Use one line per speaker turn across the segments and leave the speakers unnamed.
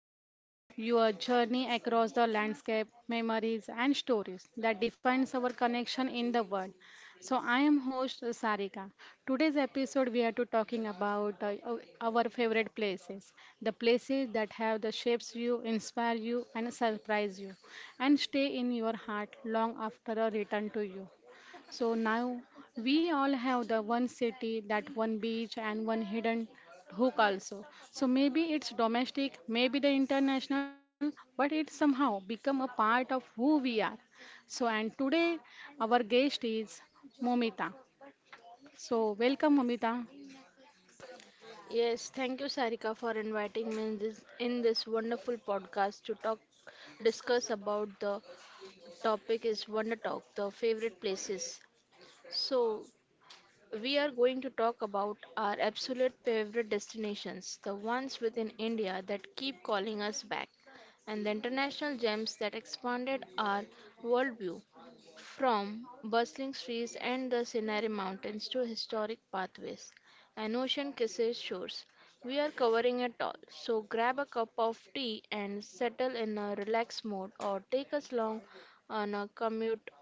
talk your journey across the landscape, memories, and stories that defines our connection in the world. So, I am host Sarika. Today's episode, we are to talking about our favorite places, the places that have the shapes you, inspire you, and surprise you, and stay in your heart long after a return to you. So now we all have the one city, that one beach, and one hidden hook also. So maybe it's domestic, maybe the international, but it somehow become a part of who we are. So and today our guest is Momita. So welcome Momita.
Yes, thank you, Sarika, for inviting me in this wonderful podcast to talk, discuss about the topic is Wonder Talk, the favorite places. So, we are going to talk about our absolute favorite destinations, the ones within India that keep calling us back, and the international gems that expanded our worldview. From bustling streets and the Sinai Mountains to historic pathways and ocean kisses shores, we are covering it all. So grab a cup of tea and settle in a relaxed mode or take us along on a commute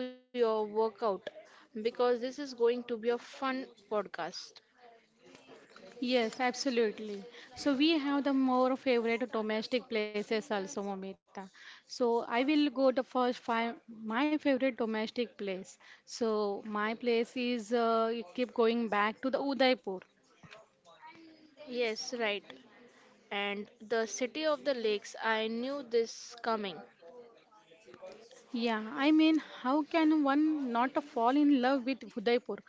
to your workout because this is going to be a fun podcast.
Yes, absolutely. So we have the more favorite domestic places also, Momita. So I will go the first five my favorite domestic place. So my place is keep going back to the Udaipur.
Yes, right. And the city of the lakes, I knew this coming.
Yeah, I mean, how can one not fall in love with Udaipur?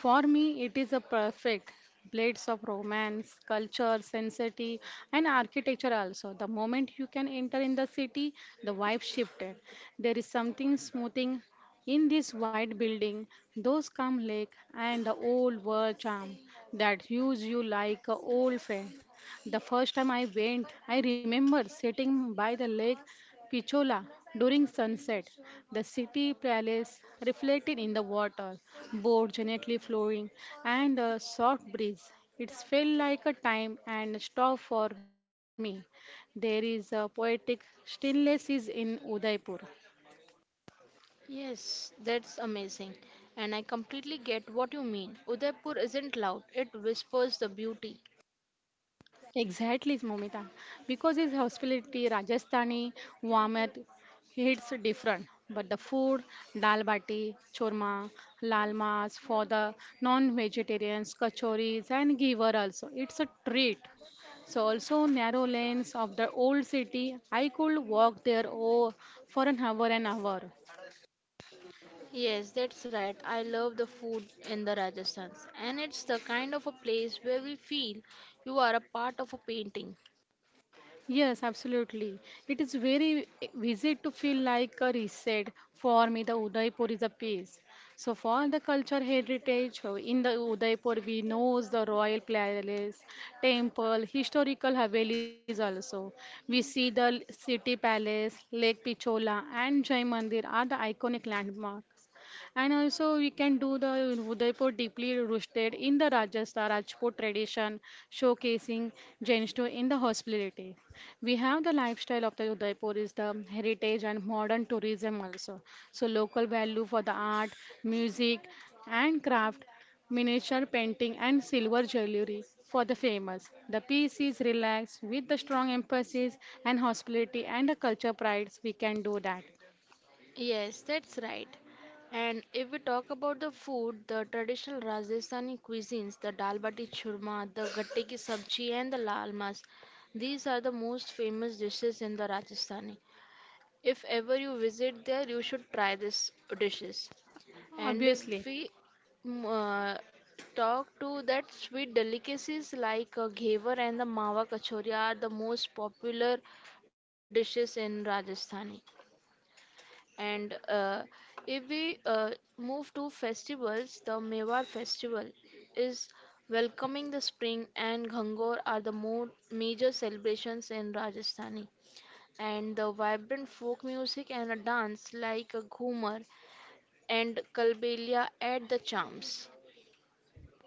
For me, it is a perfect blades of romance, culture, sensitivity, and architecture also. The moment you can enter in the city, the vibe shifted. There is something smoothing in this white building, those calm lake, and the old world charm that hues you like a old friend. The first time I went, I remember sitting by the lake Pichola during sunset. The city palace reflected in the water, boats gently flowing, and a soft breeze. It felt like a time and stop for me. There is a poetic stillness is in Udaipur.
Yes, that's amazing. And I completely get what you mean. Udaipur isn't loud, it whispers the beauty.
Exactly, Momita. Because his hospitality, Rajasthani warmth hits different. But the food, dal bati, churma, lal mas for the non-vegetarians, kachoris and giver also. It's a treat. So also narrow lanes of the old city. I could walk there oh, for an hour and hour.
Yes, that's right. I love the food in the Rajasthans. And it's the kind of a place where we feel you are a part of a painting.
Yes, absolutely. It is very easy to feel like a reset. For me, the Udaipur is a piece. So for the culture heritage in the Udaipur, we know the royal palace, temple, historical havelis also. We see the city palace, Lake Pichola, and Jai Mandir are the iconic landmark. And also we can do the Udaipur deeply rooted in the Rajasthan Rajput tradition, showcasing Jainistry in the hospitality. We have the lifestyle of the Udaipur is the heritage and modern tourism also. So local value for the art, music and craft miniature painting and silver jewelry for the famous. The piece is relaxed with the strong emphasis and hospitality and the culture prides. We can do that.
Yes, that's right. And if we talk about the food, the traditional Rajasthani cuisines, the dal bati churma, the gatte ki sabji, and the lal mas, these are the most famous dishes in the Rajasthan. If ever you visit there, you should try this dishes. And if
Obviously.
we mm, uh, talk to that sweet delicacies like ghevar and the mawa kachori are the most popular dishes in Rajasthani. And if we move to festivals, the Mewar festival is welcoming the spring and Ghangor are the more major celebrations in Rajasthani and the vibrant folk music and a dance like a ghumar and kalbelia add the charms.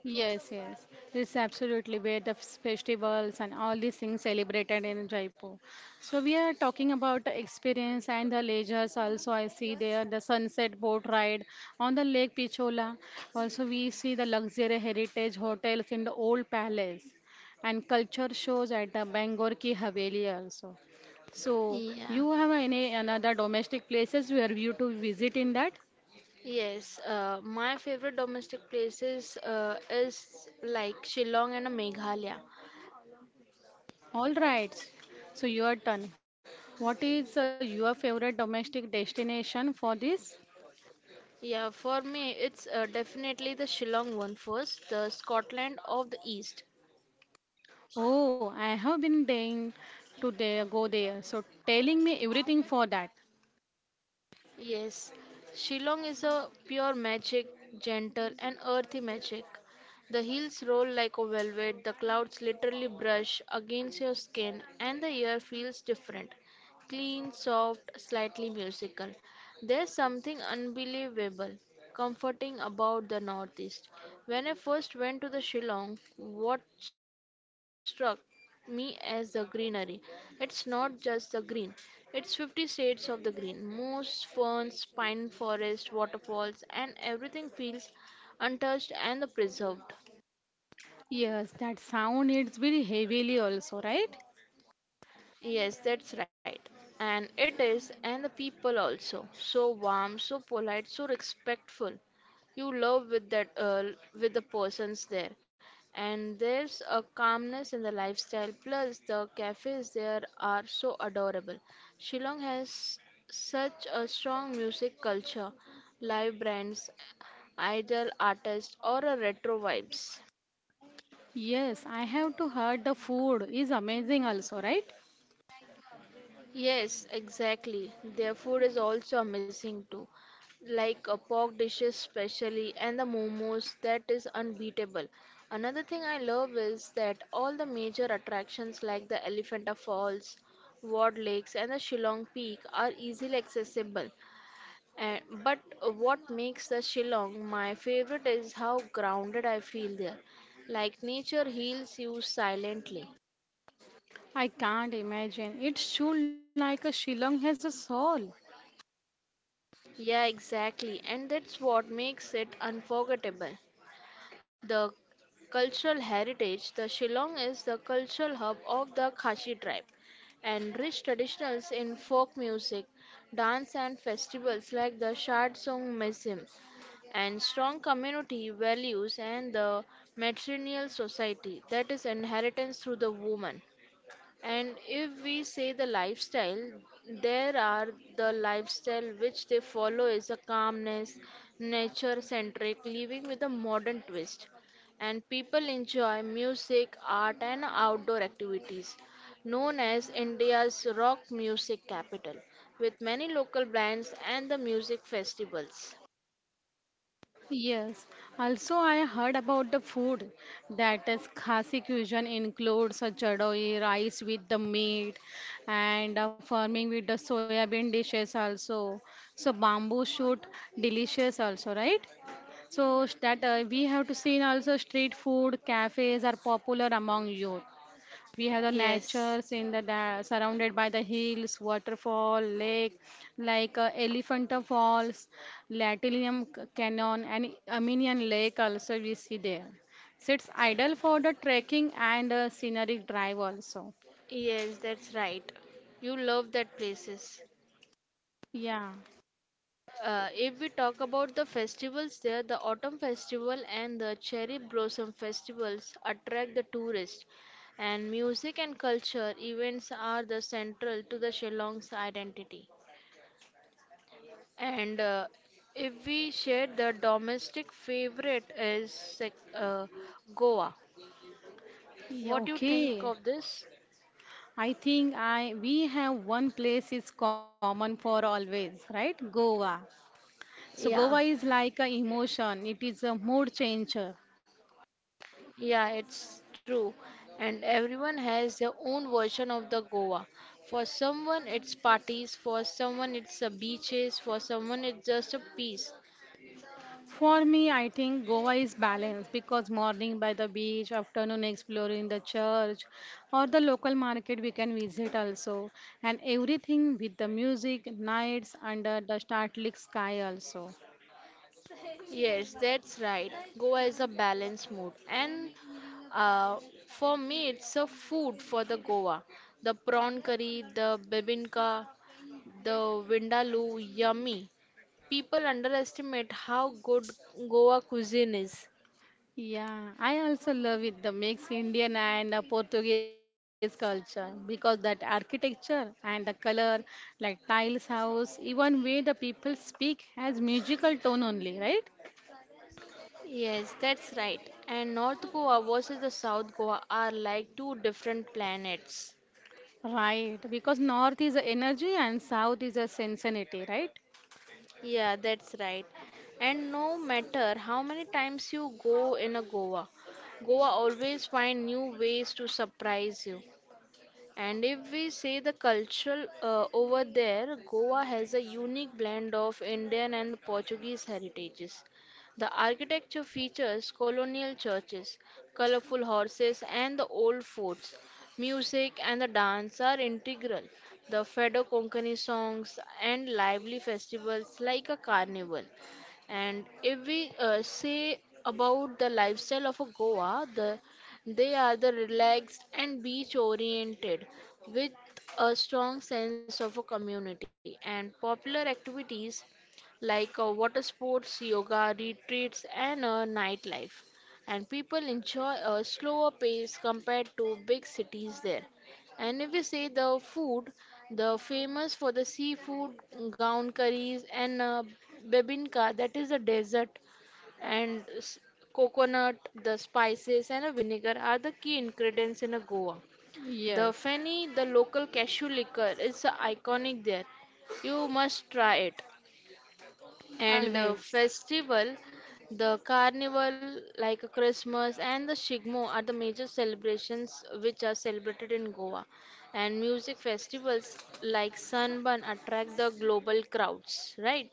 Yes, yes. This is absolutely where the festivals and all these things celebrated in Jaipur. So we are talking about the experience and the leisures also I see there the sunset boat ride on the Lake Pichola. Also we see the luxury heritage hotels in the old palace and culture shows at the Bangor Ki Haveli also. So
Yeah.
you have any another domestic places where you to visit in that?
Yes, my favorite domestic places is like Shillong and Meghalaya.
All right. So your turn. What is your favorite domestic destination for this?
Yeah, for me, it's definitely the Shillong one first, the Scotland of the East.
Oh, I have been dying to there, go there. So telling me everything for that.
Yes, Shillong is a pure magic, gentle and earthy magic. The hills roll like a velvet, the clouds literally brush against your skin, and the air feels different clean, soft, slightly musical. There's something unbelievable, comforting about the Northeast. When I first went to the Shillong, what struck me as the greenery. It's not just the green, it's 50 shades of the green. Moss, ferns, pine forest, waterfalls, and everything feels untouched and preserved.
Yes, that sound it's very heavily also, right?
Yes, that's right. And it is, and the people also. So warm, so polite, so respectful. You love with that, with the persons there. And there's a calmness in the lifestyle. Plus, the cafes there are so adorable. Shillong has such a strong music culture, live bands, idol artists, or a retro vibes.
Yes, I have to heard the food is amazing also, right?
Yes, exactly. Their food is also amazing too, like a pork dishes especially, and the momos that is unbeatable. Another thing I love is that all the major attractions like the Elephanta Falls, Ward Lakes, and the Shillong Peak are easily accessible. And but what makes the Shillong my favorite is how grounded I feel there, like nature heals you silently.
I can't imagine. It's true like a Shillong has a soul.
Yeah, exactly. And that's what makes it unforgettable. The cultural heritage, the Shillong is the cultural hub of the Khashi tribe, and rich traditions in folk music, dance, and festivals like the Shardsong Mesim, and strong community values and the matrilineal society that is inheritance through the woman. And if we say the lifestyle, there are the lifestyle which they follow is a calmness, nature centric, living with a modern twist. And people enjoy music, art, and outdoor activities, known as India's rock music capital, with many local bands and the music festivals.
Yes, also I heard about the food that is Khasi cuisine includes a chadoi rice with the meat and farming with the soya bean dishes also. So bamboo shoot delicious also, right? So s- that we have to see also street food cafes are popular among youth. We have the
Yes,
natures in the surrounded by the hills, waterfall, lake like Elephanta Falls, Latilium Canyon, and Armenian Lake also we see there. So it's ideal for the trekking and scenic drive also.
yes, that's right. You love that places.
Yeah.
If we talk about the festivals there, the Autumn Festival and the Cherry Blossom Festivals attract the tourists, and music and culture events are the central to the Shillong's identity. And if we share the domestic favorite is Goa.
Yeah,
What do you think
okay.
of this?
I think I we have one place is common for always, right? Goa. So
Yeah.
Goa is like a emotion. It is a mood changer.
Yeah, it's true. And everyone has their own version of the Goa. For someone, it's parties, for someone, it's the beaches, for someone, it's just a peace.
For me, I think Goa is balanced because morning by the beach, afternoon exploring the church or the local market we can visit also, and everything with the music, nights under the starlit sky also.
Yes, that's right. Goa is a balanced mood. And uh, for me, it's a food for the Goa. The prawn curry, the bibinka, the vindaloo, yummy. People underestimate how good Goa cuisine is.
Yeah, I also love it the mix Indian and Portuguese culture because that architecture and the color like tiles house, even way the people speak has musical tone only, right?
Yes, that's right. And North Goa versus the South Goa are like two different planets.
Right, because north is energy and south is a sensitivity, right?
Yeah, that's right. And no matter how many times you go in a Goa, Goa always find new ways to surprise you. And if we say the cultural over there, Goa has a unique blend of Indian and the Portuguese heritages. The architecture features colonial churches, colorful horses, and the old forts. Music and the dance are integral. The Fado Konkani songs and lively festivals like a carnival. And if we say about the lifestyle of a Goa, they are the relaxed and beach oriented with a strong sense of a community and popular activities like water sports, yoga retreats and nightlife. And people enjoy a slower pace compared to big cities there. And if we say the food, the famous for the seafood, gown curries and bebinka, that is a dessert and coconut, the spices, and a vinegar are the key ingredients in a Goa. The
Yes,
feni, the local cashew liquor, is iconic there. You must try it. And
always.
festival, the carnival like Christmas and the Shigmo are the major celebrations which are celebrated in Goa. And music festivals like Sunburn attract the global crowds, right?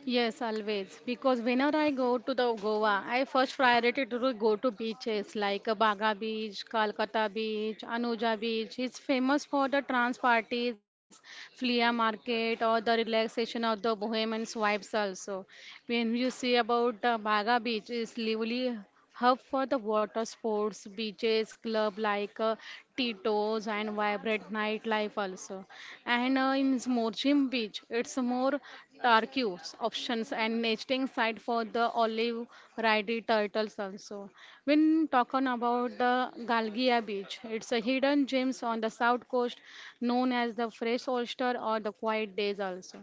Yes, always. Because whenever I go to the Goa, I first priority to go to beaches like Baga Beach, Calcutta Beach, Anuja Beach. It's famous for the trans parties, flea market, or the relaxation of the Bohemian vibes also. When you see about Baga Beach, it's lively hub for the water sports, beaches, club like Tito's and vibrant nightlife also. And in Moorjim Beach, it's more turquoise options and nesting site for the olive ridey turtles also. When talking about the Galgia Beach, it's a hidden gems on the south coast known as the fresh oyster or the quiet days also.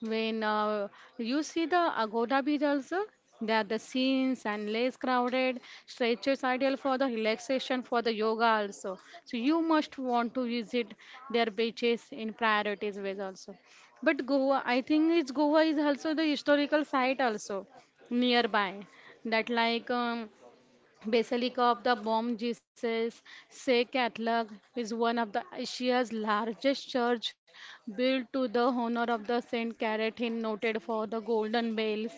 When you see the Agoda Beach also, there the scenes and less crowded, stretches ideal for the relaxation for the yoga also. So you must want to visit their beaches in priorities ways also. But Goa, I think it's Goa is also the historical site also nearby. That like Basilicop, the Bom Jesus Se Catholic is one of the Asia's largest church built to the honor of the Saint Caratine, noted for the golden bells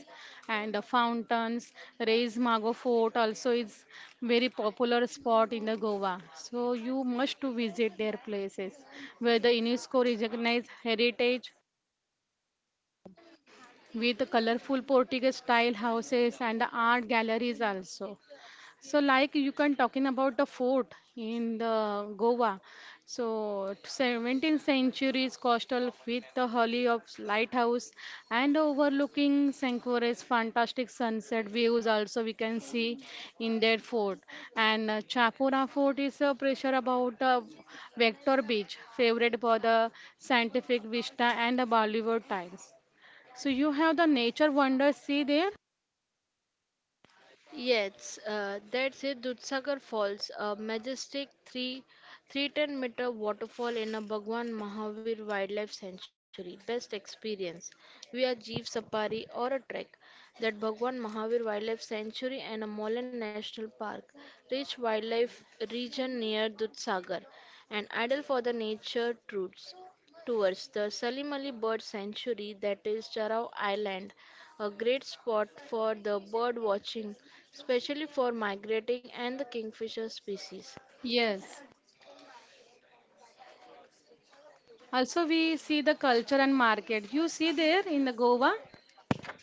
and the fountains. Reis Mago Fort also is very popular spot in the Goa. So you must to visit their places where the UNESCO recognized heritage with colorful Portuguese style houses and the art galleries also. So, like you can talking about the fort in the Goa. So, 17th century's coastal with the holly of lighthouse and overlooking Sankure's fantastic sunset views also we can see in their fort. And Chapora Fort is a pressure about the Vector Beach, favorite for the scientific vista and the Bollywood times. So you have the nature wonders see there?
Yes, that's it. Dudhsagar Falls, a majestic 3 310 meter waterfall in a Bhagwan Mahavir Wildlife Sanctuary. Best experience via jeep safari or a trek. That Bhagwan Mahavir Wildlife Sanctuary and a Molan National Park, rich wildlife region near Dudhsagar, and ideal for the nature tours towards the Salim Ali Bird Sanctuary, that is Charao Island, a great spot for the bird watching especially for migrating and the kingfisher species.
Yes. Also, we see the culture and market. You see there in the Goa,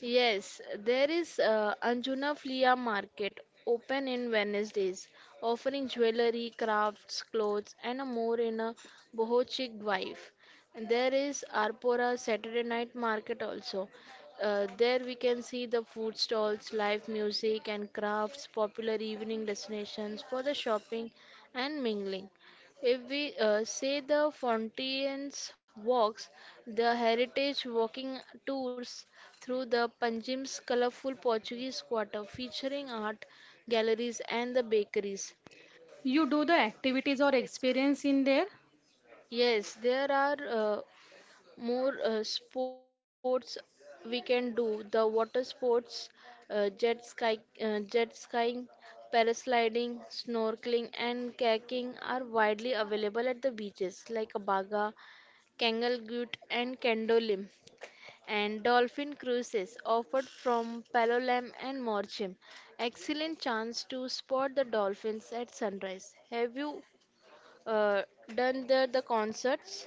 Yes, there is Anjuna Flea Market open in Wednesdays, offering jewelry, crafts, clothes, and a more in a boho wife. And there is Arpora Saturday Night Market also. There we can see the food stalls, live music, and crafts, popular evening destinations for the shopping and mingling. If we say the Fontaine's walks, the heritage walking tours through the Panjim's colorful Portuguese quarter featuring art galleries and the bakeries.
you do the activities or experience in there.
Yes, there are more sports we can do. The water sports, jet skiing, parasliding, snorkeling, and kayaking are widely available at the beaches like Baga, Kangalgut, and Kendolim. And dolphin cruises offered from Palolem and Morecambe. Excellent chance to spot the dolphins at sunrise. Have you uh, done the concerts?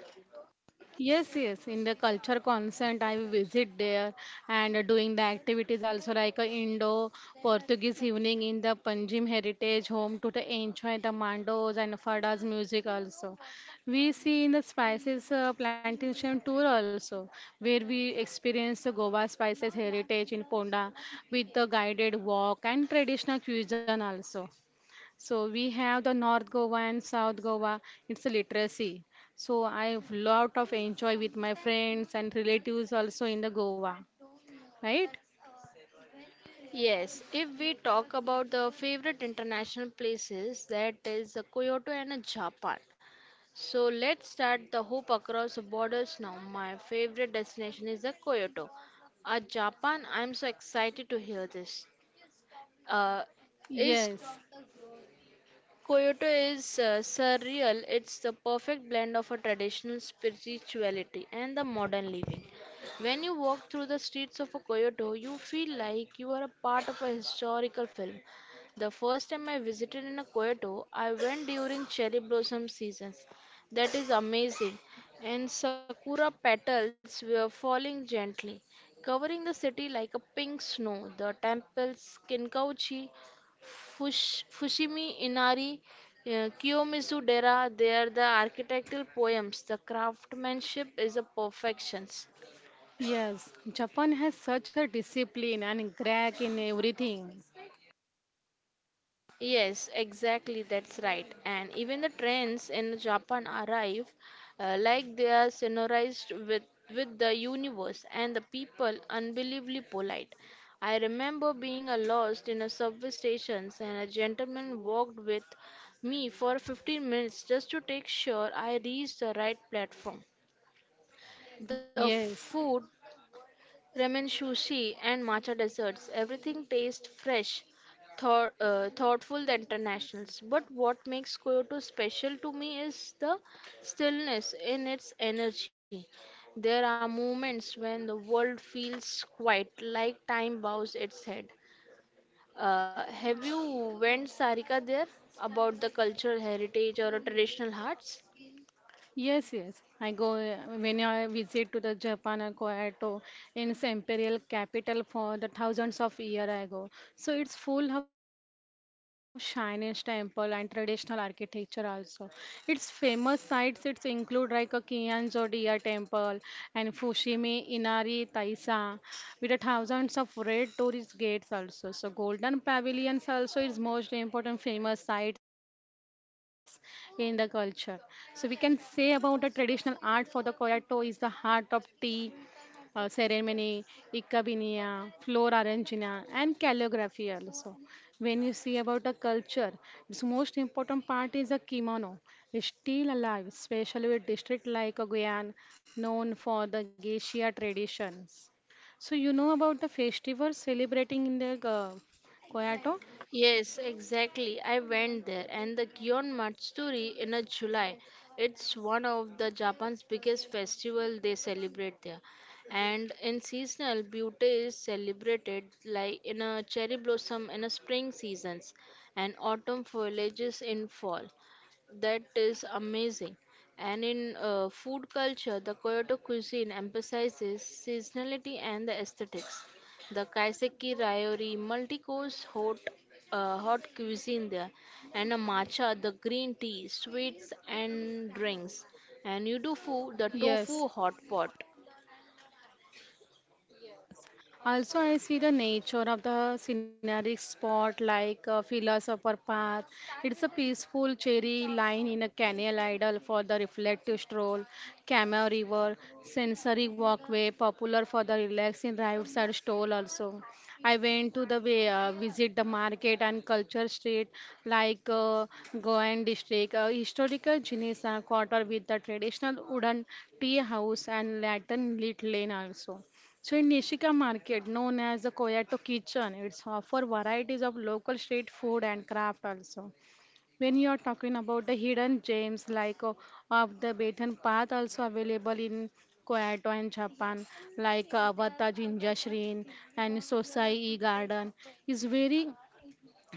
Yes, yes. In the culture consent, I visit there and doing the activities also like a Indo-Portuguese evening in the Panjim Heritage Home to the enjoy the mandos and fadas music also. We see in the spices plantation tour also where we experience the Goa spices heritage in Ponda with the guided walk and traditional cuisine also. So we have the North Goa and South Goa. It's a literacy. So I have lot of enjoy with my friends and relatives also in the Goa, right?
Yes, if we talk about the favorite international places, that is Kyoto and Japan. So let's start the hoop across the borders now. My favorite destination is the Kyoto. Japan, I'm so excited to hear this. Uh, is
Yes,
Kyoto is surreal. It's the perfect blend of a traditional spirituality and the modern living. When you walk through the streets of Kyoto, you feel like you are a part of a historical film. The first time I visited in Kyoto, I went during cherry blossom seasons. That is amazing. And sakura petals were falling gently, covering the city like a pink snow. The temples Kinkauchi Fushimi Inari, Kiyomizu Dera, they are the architectural poems. The craftsmanship is a perfection.
yes. Japan has such a discipline and crack in everything.
Yes, exactly, that's right. And even the trains in Japan arrive like they are with the universe and the people unbelievably polite. I remember being lost in a subway station and a gentleman walked with me for 15 minutes just to take sure I reached the right platform. The
Yes,
food, ramen sushi, and matcha desserts, everything tastes fresh, thoughtful, The internationals. But what makes Kyoto special to me is the stillness in its energy. There are moments when the world feels quiet, like time bows its head. Have you went Sarika there about the cultural heritage or a traditional arts?
Yes, yes. I go when I visit to the Japan or Kyoto in its imperial capital for the thousands of year I go. So it's full of Chinese temple and traditional architecture also. Its famous sites it's include like a Qianzhou Dia temple and Fushimi Inari Taisa with the thousands of red tourist gates also. So golden pavilions also is most important famous sites in the culture. So we can say about the traditional art for the Koyato is the heart of tea ceremony, Ikabinia, floor arrangina, and calligraphy also. When you see about the culture, its most important part is the kimono. It's still alive, especially with district like Guyan, known for the geisha traditions. So you know about the festivals celebrating in the Koyato?
Yes, exactly. I went there and the Gion Matsuri in a July. It's one of the Japan's biggest festival they celebrate there. And in seasonal beauty is celebrated like in a cherry blossom in a spring seasons and autumn foliages in fall. That is amazing. And in food culture, the Kyoto cuisine emphasizes seasonality and the aesthetics. The kaiseki ryori, hot cuisine there, and a matcha, the green tea, sweets and drinks. And you do food, the
Yes.
tofu hot pot.
Also, I see the nature of the scenic spot like a philosopher path. It's a peaceful cherry line in a canal idol for the reflective stroll, Camel River, sensory walkway, popular for the relaxing roadside stroll also. I went to the way, visit the market and culture street like Goan district, historical Jinisa quarter with the traditional wooden tea house and lantern lit lane also. So in Nishika Market, known as the Koyato Kitchen, it's offer varieties of local street food and craft also. When you are talking about the hidden gems like of the Bethan Path also available in Koyato and Japan, like Wata Jinja Shrine and Sosai E Garden, is very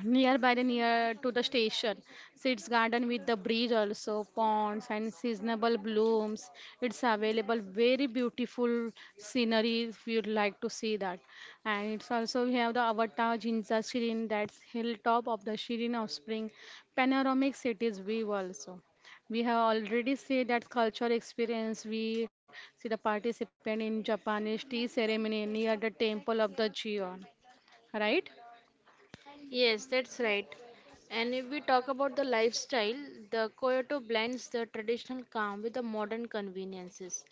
Near by the near to the station sits garden with the bridge also ponds and seasonable blooms. It's available very beautiful scenery if you'd like to see that. And it's also we have the Avatar Jinza Shirin that's hilltop of the Shirin offspring panoramic cities view also. We have already see that culture experience. We see the participant in Japanese tea ceremony near the temple of the Gion. Right?
Yes, that's right. And if we talk about the lifestyle, the Kyoto blends the traditional calm with the modern conveniences.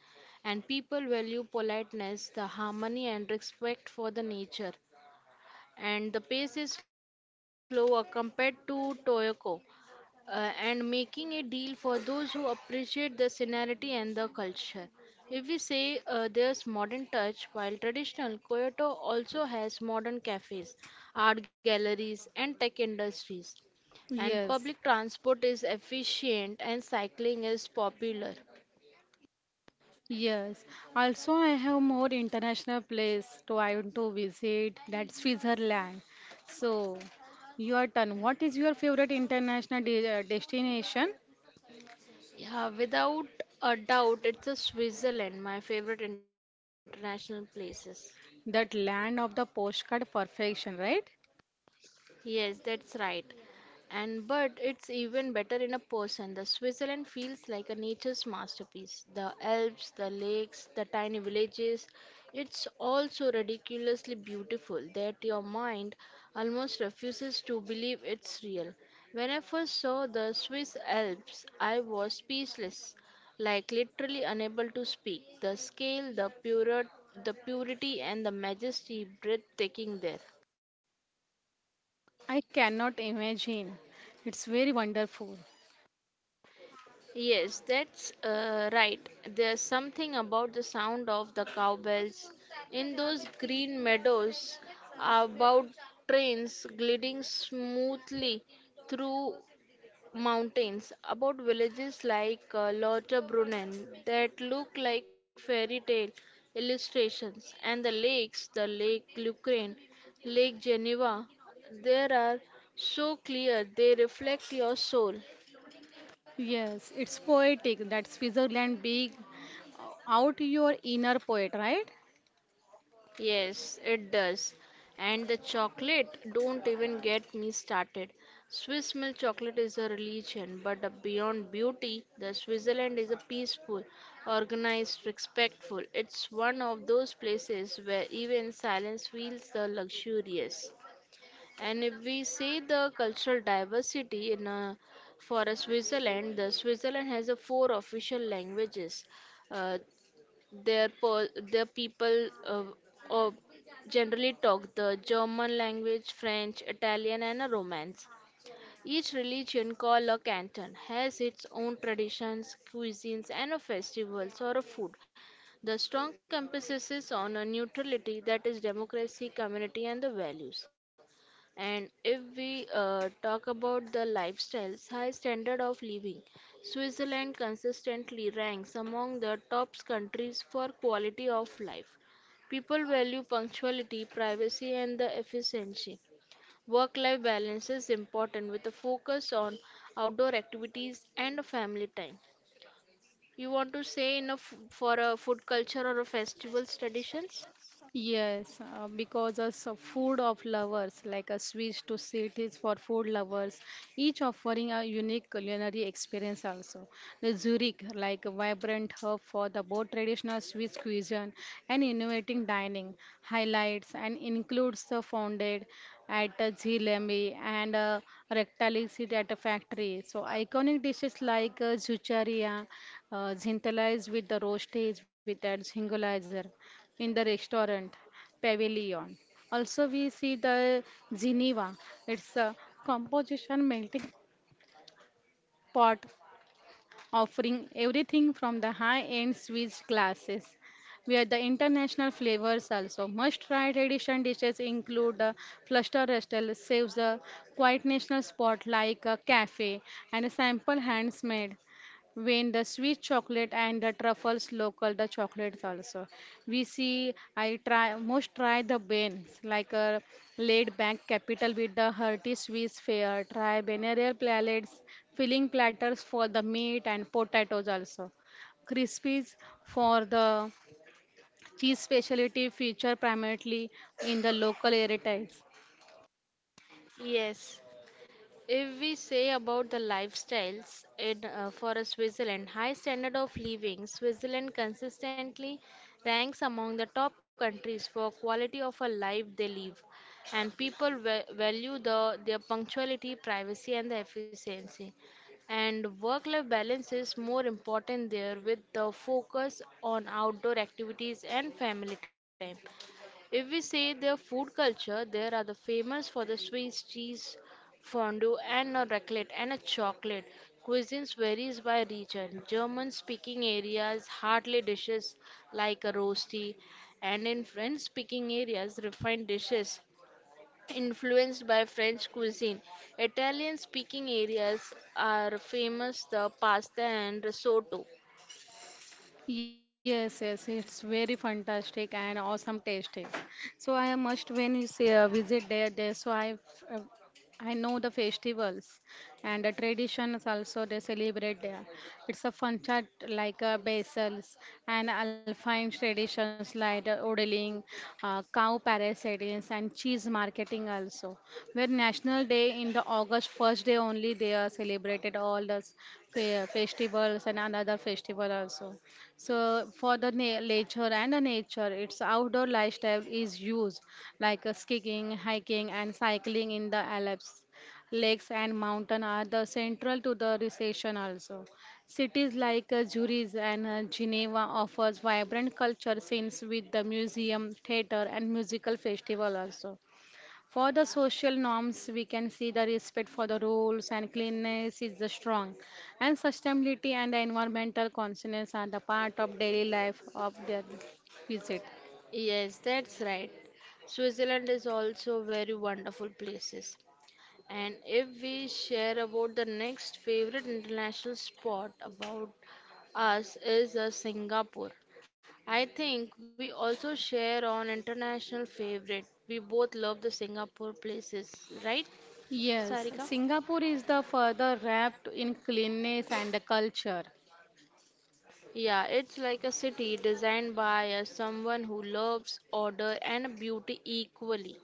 And people value politeness, the harmony, and respect for the nature. And the pace is slower compared to Toyoko, and making a deal for those who appreciate the scenery and the culture. If we say there's modern touch, while traditional, Kyoto also has modern cafes, art galleries, and tech industries. And
Yes.
public transport is efficient and cycling is popular.
Yes, also I have more international place to I want to visit that's Switzerland. So, your turn. What is your favorite international de destination?
Yeah, without a doubt, it's a Switzerland, my favorite international places.
That land of the postcard perfection, right?
Yes, that's right. And but it's even better in a person. The Switzerland feels like a nature's masterpiece. The Alps, the lakes, the tiny villages. It's all so ridiculously beautiful that your mind almost refuses to believe it's real. When I first saw the Swiss Alps, I was speechless, like literally unable to speak. The scale, the pure, the purity and the majesty breathtaking there.
I cannot imagine. It's very wonderful.
Yes, that's right. There's something about the sound of the cowbells in those green meadows, about trains gliding smoothly through mountains, about villages like Lauterbrunnen that look like fairy tale illustrations, and the lakes, the Lake Lucerne, Lake Geneva, there are so clear they reflect your soul.
Yes, it's poetic. That Switzerland big out your inner poet, right?
Yes, it does. And the chocolate, don't even get me started. Swiss milk chocolate is a religion, but beyond beauty, the Switzerland is a peaceful, organized, respectful. It's one of those places where even silence feels the luxurious. And if we say the cultural diversity in a, for a Switzerland, the Switzerland has a four official languages. Uh, their people uh, generally talk the German language, French, Italian, and a Romance. Each religion, called a canton, has its own traditions, cuisines, and a festivals or a food. The strong emphasis is on a neutrality that is democracy, community, and the values. And if we talk about the lifestyles, high standard of living, Switzerland consistently ranks among the top countries for quality of life. People value punctuality, privacy, and the efficiency. Work life balance is important with a focus on outdoor activities and family time. You want to say in a for a food culture or a festival's traditions?
Yes, because as a food of lovers, like a Swiss to sweet is for food lovers, each offering a unique culinary experience also. The Zurich, like a vibrant hub for the both traditional Swiss cuisine and innovating dining, highlights and includes the founded at the Zilemi and rectalisit at a factory. So iconic dishes like Zucharia, Zintala is with the roasties with that singolizer in the restaurant pavilion. Also, we see the Geneva. It's a composition melting pot offering everything from the high-end Swiss glasses. Where the international flavors also must-try tradition dishes include the fluster restel saves a quiet national spot like a cafe and a sample hands made. When the sweet chocolate and the truffles local, the chocolates also. We see, I try, most try the Ben's, like a laid back capital with the hearty Swiss fare. Try Benarial palates, filling platters for the meat and potatoes also. Crispies for the cheese specialty feature primarily in the local heritage.
Yes. If we say about the lifestyles in for a Switzerland, high standard of living, Switzerland consistently ranks among the top countries for quality of a life they live, and people value the their punctuality, privacy, and the efficiency. And work-life balance is more important there, with the focus on outdoor activities and family time. If we say their food culture, there are the famous for the Swiss cheese fondue and a raclette and a chocolate. Cuisines varies by region. German-speaking areas hardly dishes like a roasty, and in French-speaking areas refined dishes influenced by French cuisine. Italian-speaking areas are famous the pasta and risotto.
Yes, yes, it's very fantastic and awesome tasting. So I must when you say visit there. Uh, I know the festivals and the traditions also they celebrate there. It's a fun chat like basils and alpine traditions like the odeling, cow parasadings and cheese marketing also. Where National Day in the August 1st day only they are celebrated all the festivals and another festival also. So for the nature and the nature, its outdoor lifestyle is used like skiing, hiking, and cycling in the Alps. Lakes and mountain are the central to the recession also. Cities like Zurich and Geneva offers vibrant culture scenes with the museum, theater, and musical festival also. For the social norms, we can see the respect for the rules and cleanliness is the strong, and sustainability and the environmental consciousness are the part of daily life of their visit.
Yes, that's right. Switzerland is also very wonderful places. And if we share about the next favorite international spot about us is Singapore. I think we also share on international favorite. We both love the Singapore places, right,
Yes,
Sarika?
Singapore is the further wrapped in cleanness and the culture.
Yeah, it's like a city designed by someone who loves order and beauty equally.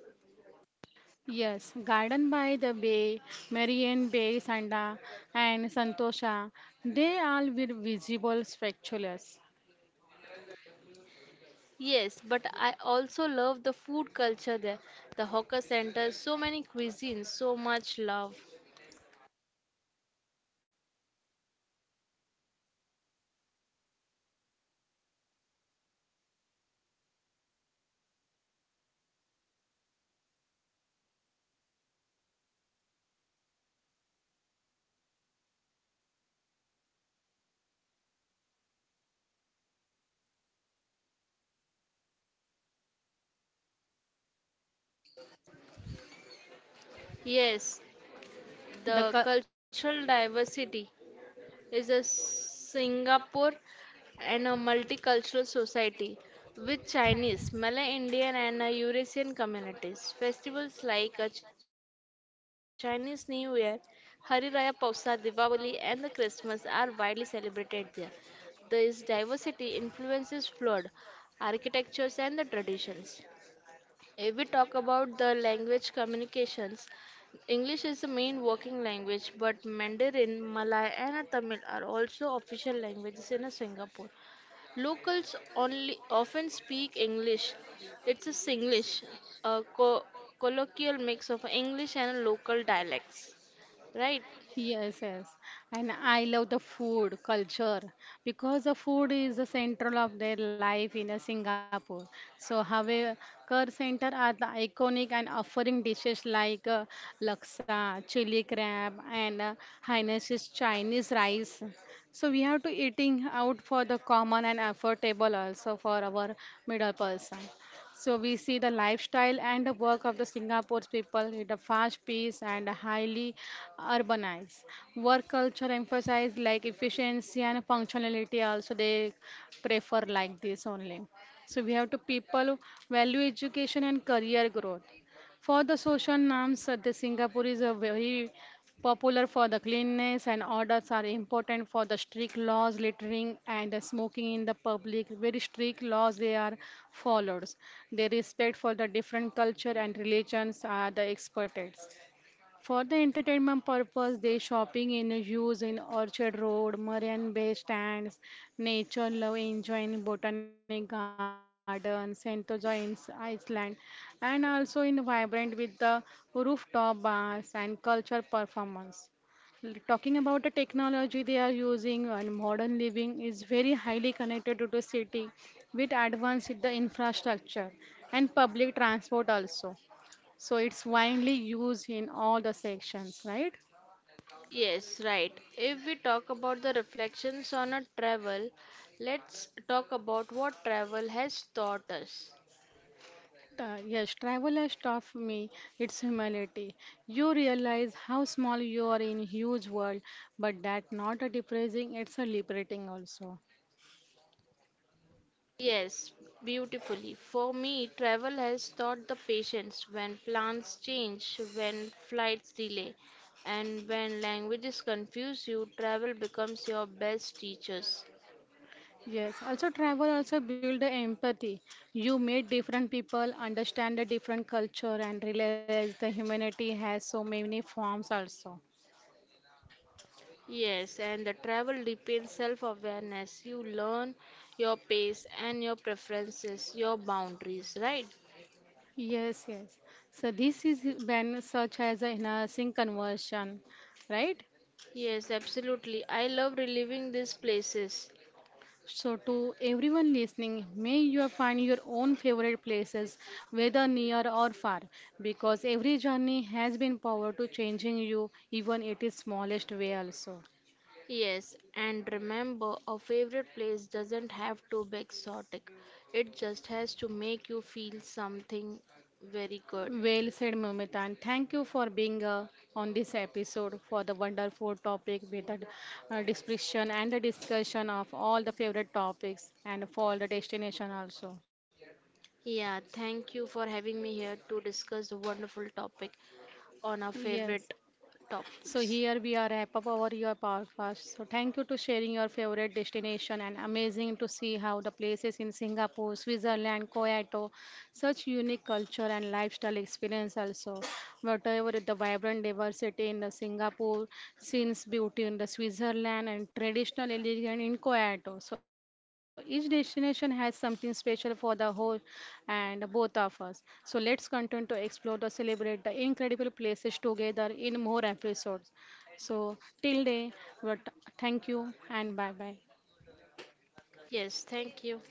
Yes, Garden by the Bay, Marian Bay Sanda, and Santosha, they all were visible spectaculars.
Yes, but I also love the food culture there. The hawker center, so many cuisines, so much love. Yes,
The
the
cu-
cultural diversity is a Singapore and a multicultural society with Chinese, Malay Indian and a Eurasian communities. Festivals like a Chinese New Year, Hari Raya Pausa, Diwali and the Christmas are widely celebrated there. This diversity influences flood, architectures and the traditions. If we talk about the language communications, English is the main working language, but Mandarin, Malay, and Tamil are also official languages in Singapore. Locals only often speak English. It's a Singlish, a colloquial mix of English and local dialects. Right?
Yes, yes. And I love the food culture because the food is the central of their life in a Singapore. So, however, Kerr Center are the iconic and offering dishes like laksa, chili crab, and Hainanese Chinese rice. So, we have to eating out for the common and affordable also for our middle person. So we see the lifestyle and the work of the Singapore's people in a fast pace and a highly urbanized. Work culture emphasize like efficiency and functionality also they prefer like this only. So we have to people value education and career growth. For the social norms, the Singapore is a very popular for the cleanness and orders are important for the strict laws, littering and the smoking in the public. Very strict laws they are followed. Their respect for the different culture and religions are the experted. For the entertainment purpose, they shopping in use in Orchard Road, Marine Bay stands, nature love enjoying Botanic Garden, Sentosa in Iceland, and also in vibrant with the rooftop bars and cultural performance. Talking about the technology they are using and modern living is very highly connected to the city with advanced in the infrastructure and public transport also. So it's widely used in all the sections, right?
Yes, right. If we talk about the reflections on a travel, let's talk about what travel has taught us.
Yes, travel has taught me its humility. You realize how small you are in huge world, but that not a depressing, it's a liberating also.
Yes, beautifully. For me, travel has taught the patience when plans change, when flights delay, and when languages confuse you, travel becomes your best teachers.
Yes, also travel also build the empathy. You meet different people, understand the different culture, and realize the humanity has so many forms also.
Yes, and the travel deepens self awareness. You learn your pace and your preferences, your boundaries, right?
Yes, yes. So this is when such as enhancing conversion, right?
Yes, absolutely. I love reliving these places.
So, to everyone listening, may you find your own favorite places, whether near or far, because every journey has been power to changing you, even it is smallest way also.
Yes, and remember, a favorite place doesn't have to be exotic. It just has to make you feel something very good.
Well said, Mamita, and thank you for being on this episode for the wonderful topic with the description and the discussion of all the favorite topics and for the destination also.
Yeah, thank you for having me here to discuss the wonderful topic on our
Yes.
favorite
So
topics.
here we are wrap up our your podcast. So thank you to sharing your favorite destination and amazing to see how the places in Singapore, Switzerland, Kyoto, such unique culture and lifestyle experience also. Whatever the vibrant diversity in the Singapore, scenes beauty in the Switzerland and traditional elegance in Kyoto. So each destination has something special for the whole and both of us. So let's continue to explore the celebrate the incredible places together in more episodes. So, till day, but thank you and bye bye.
Yes, thank you.